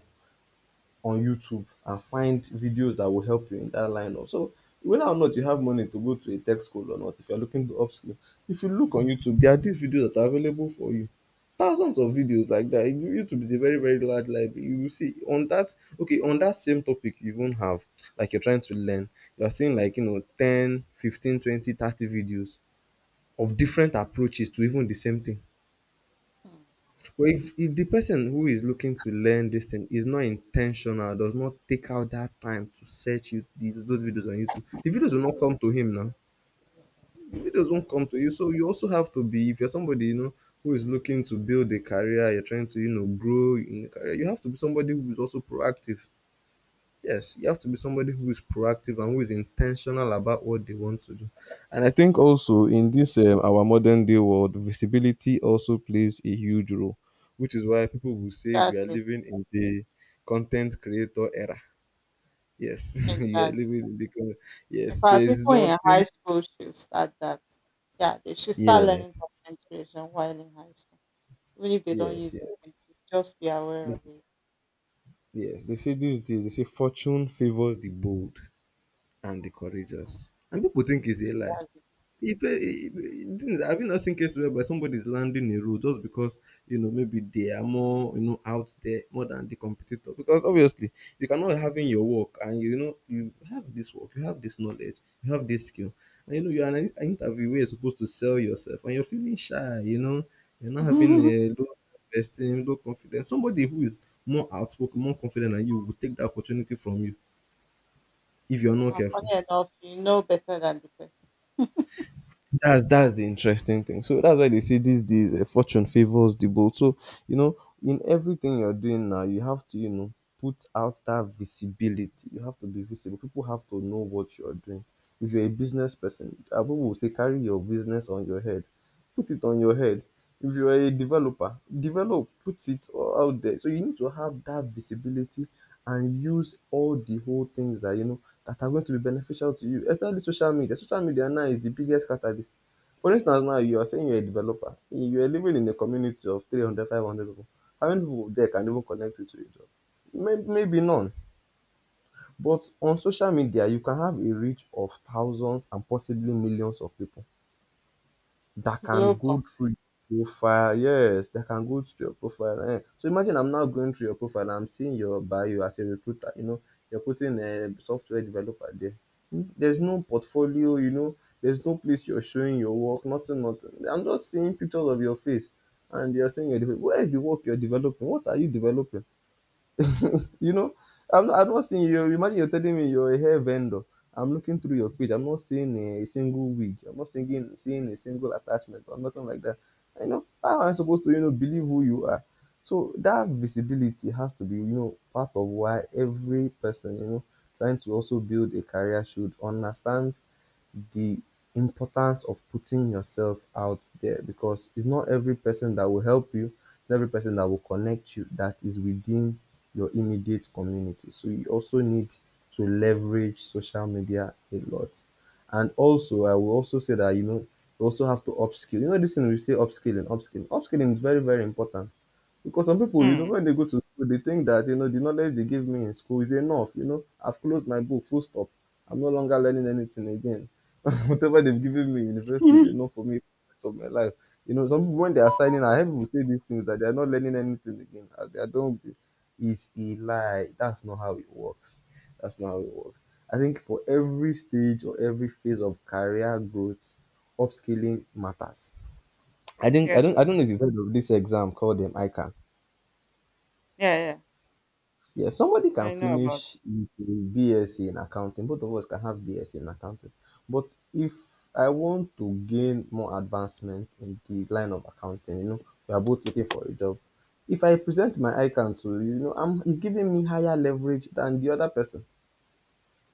on YouTube and find videos that will help you in that lineup. So whether or not you have money to go to a tech school or not, if you're looking to upskill, if you look on YouTube, there are these videos that are available for you. Thousands of videos like that. You- YouTube is a very, very large library. You will see on that, okay, on that same topic you even have, like you're trying to learn, you're seeing like you know ten, fifteen, twenty, thirty videos of different approaches to even the same thing. mm. But if if the person who is looking to learn this thing is not intentional, does not take out that time to search you these- those videos on YouTube, the videos will not come to him now. The videos won't come to you. So you also have to be, if you're somebody, you know, who is looking to build a career, you're trying to, you know, grow in the career, you have to be somebody who is also proactive. Yes, you have to be somebody who is proactive and who is intentional about what they want to do. And I think also in this, um, our modern day world, visibility also plays a huge role, which is why people will say we are Exactly. living in the content creator era. Yes, <laughs> you are Exactly. living in the con- In yes. There fact, is people in high nothing. school should start that. Yeah, they should start learning Yes, concentration while in high school. Even if they don't yes, use it, they should yes. just be aware of They- it. Yes, they say these days. They say fortune favors the bold and the courageous, And and people think it's a lie. that's it. If uh, the thing is, have you not seen cases whereby somebody is landing a role just because, you know, maybe they are more, you know, out there more than the competitor? Because obviously you cannot have in your work and you know you have this work, you have this knowledge, you have this skill, and you know you're an in- an you are supposed to sell yourself, and you're feeling shy. You know, you're not having <laughs> a low self-esteem, low confidence. Somebody who is more outspoken, more confident than you will take the opportunity from you if you're not And careful. funny enough, you know better than the person. That's that's the interesting thing. So that's why they say these days, uh, fortune favors the bold. So, you know, in everything you're doing now, you have to, you know, put out that visibility. You have to be visible. People have to know what you're doing. If you're a business person, uh, people will say carry your business on your head, put it on your head. If you are a developer, develop, put it all out there. So you need to have that visibility and use all the whole things that you know that are going to be beneficial to you, especially social media. Social media now is the biggest catalyst. For instance now, you are saying you're a developer. You are living in a community of three hundred, five hundred people. How many people there can even connect you to a job? May- Maybe none. But on social media, you can have a reach of thousands and possibly millions of people that can go Global. through your profile. Yes, that can go through your profile. Eh. So imagine I'm now going through your profile, and I'm seeing your bio as a recruiter. You know, you're putting a software developer there. Hmm, there's no portfolio. You know, there's no place you're showing your work. Nothing. Nothing. I'm just seeing pictures of your face, and you're saying you're developing. Where is the work you're developing? What are you developing? <laughs> You know, I'm not, I'm not seeing you. Imagine you're telling me you're a hair vendor. I'm looking through your page. I'm not seeing a single wig. I'm not seeing seeing a single attachment or nothing like that. You know, how am I supposed to, you know, believe who you are? So that visibility has to be, you know, part of why every person, you know, trying to also build a career should understand the importance of putting yourself out there, because it's not every person that will help you, not every person that will connect you that is within your immediate community. So you also need to leverage social media a lot. And also, I will also say that, you know, you also have to upskill. You know, this thing we say upskilling, upskilling, upskilling is very very important. Because some people, you know, Mm. when they go to school they think that, you know, the knowledge they give me in school is enough. You know, I've closed my book, full stop. I'm no longer learning anything again. <laughs> Whatever they've given me in university is <laughs> enough for me for the rest of my life. You know, some people when they are signing, I hear people say these things that they are not learning anything again as they are done with it. Is a lie. That's not how it works. That's not how it works. I think for every stage or every phase of career growth, upskilling matters. I think I Yes. don't I don't know if you've heard of this exam called the ICAN. Yeah, yeah. Yeah, somebody can I know about finish it. with a BSc in accounting. Both of us can have BSc in accounting. But if I want to gain more advancement in the line of accounting, you know, we are both looking for a job. If I present my icon to you, you know, I'm, it's giving me higher leverage than the other person.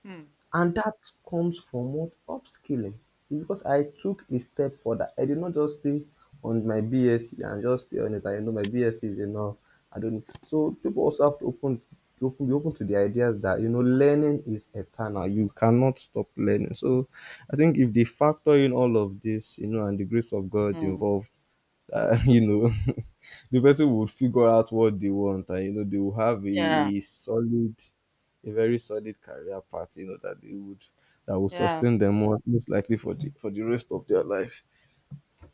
Mm. And that comes from what? Upskilling. Because I took a step further. I did not just stay on my BSc and just stay on it. I know my BSc is enough. I don't. So people also have to open, open, be open to the ideas that, you know, learning is eternal. You cannot stop learning. So I think if they factor in all of this, you know, and the grace of God Mm. involved, uh, <laughs> you know, <laughs> the person would figure out what they want, and you know, they will have a, Yeah. a solid, a very solid career path, you know, that they would that will Yeah. sustain them more, most likely for the for the rest of their lives.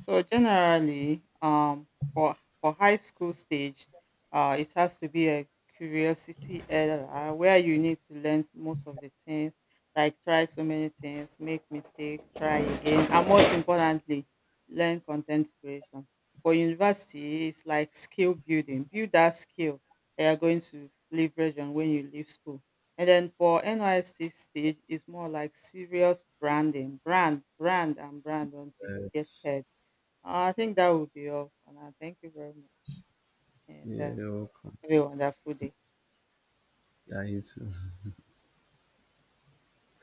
So generally, um, for for high school stage, uh, it has to be a curiosity era where you need to learn most of the things, like try so many things, make mistake, try again, and most importantly, learn content creation. For university, it's like skill building. Build that skill that you're going to leverage on when you leave school. And then for N Y S C stage, it's more like serious branding. Brand, brand, and brand until you get Yes. heard. I think that would be all for now. Thank you very much. And Yeah, um, you're welcome. have a wonderful day. Yeah, you too.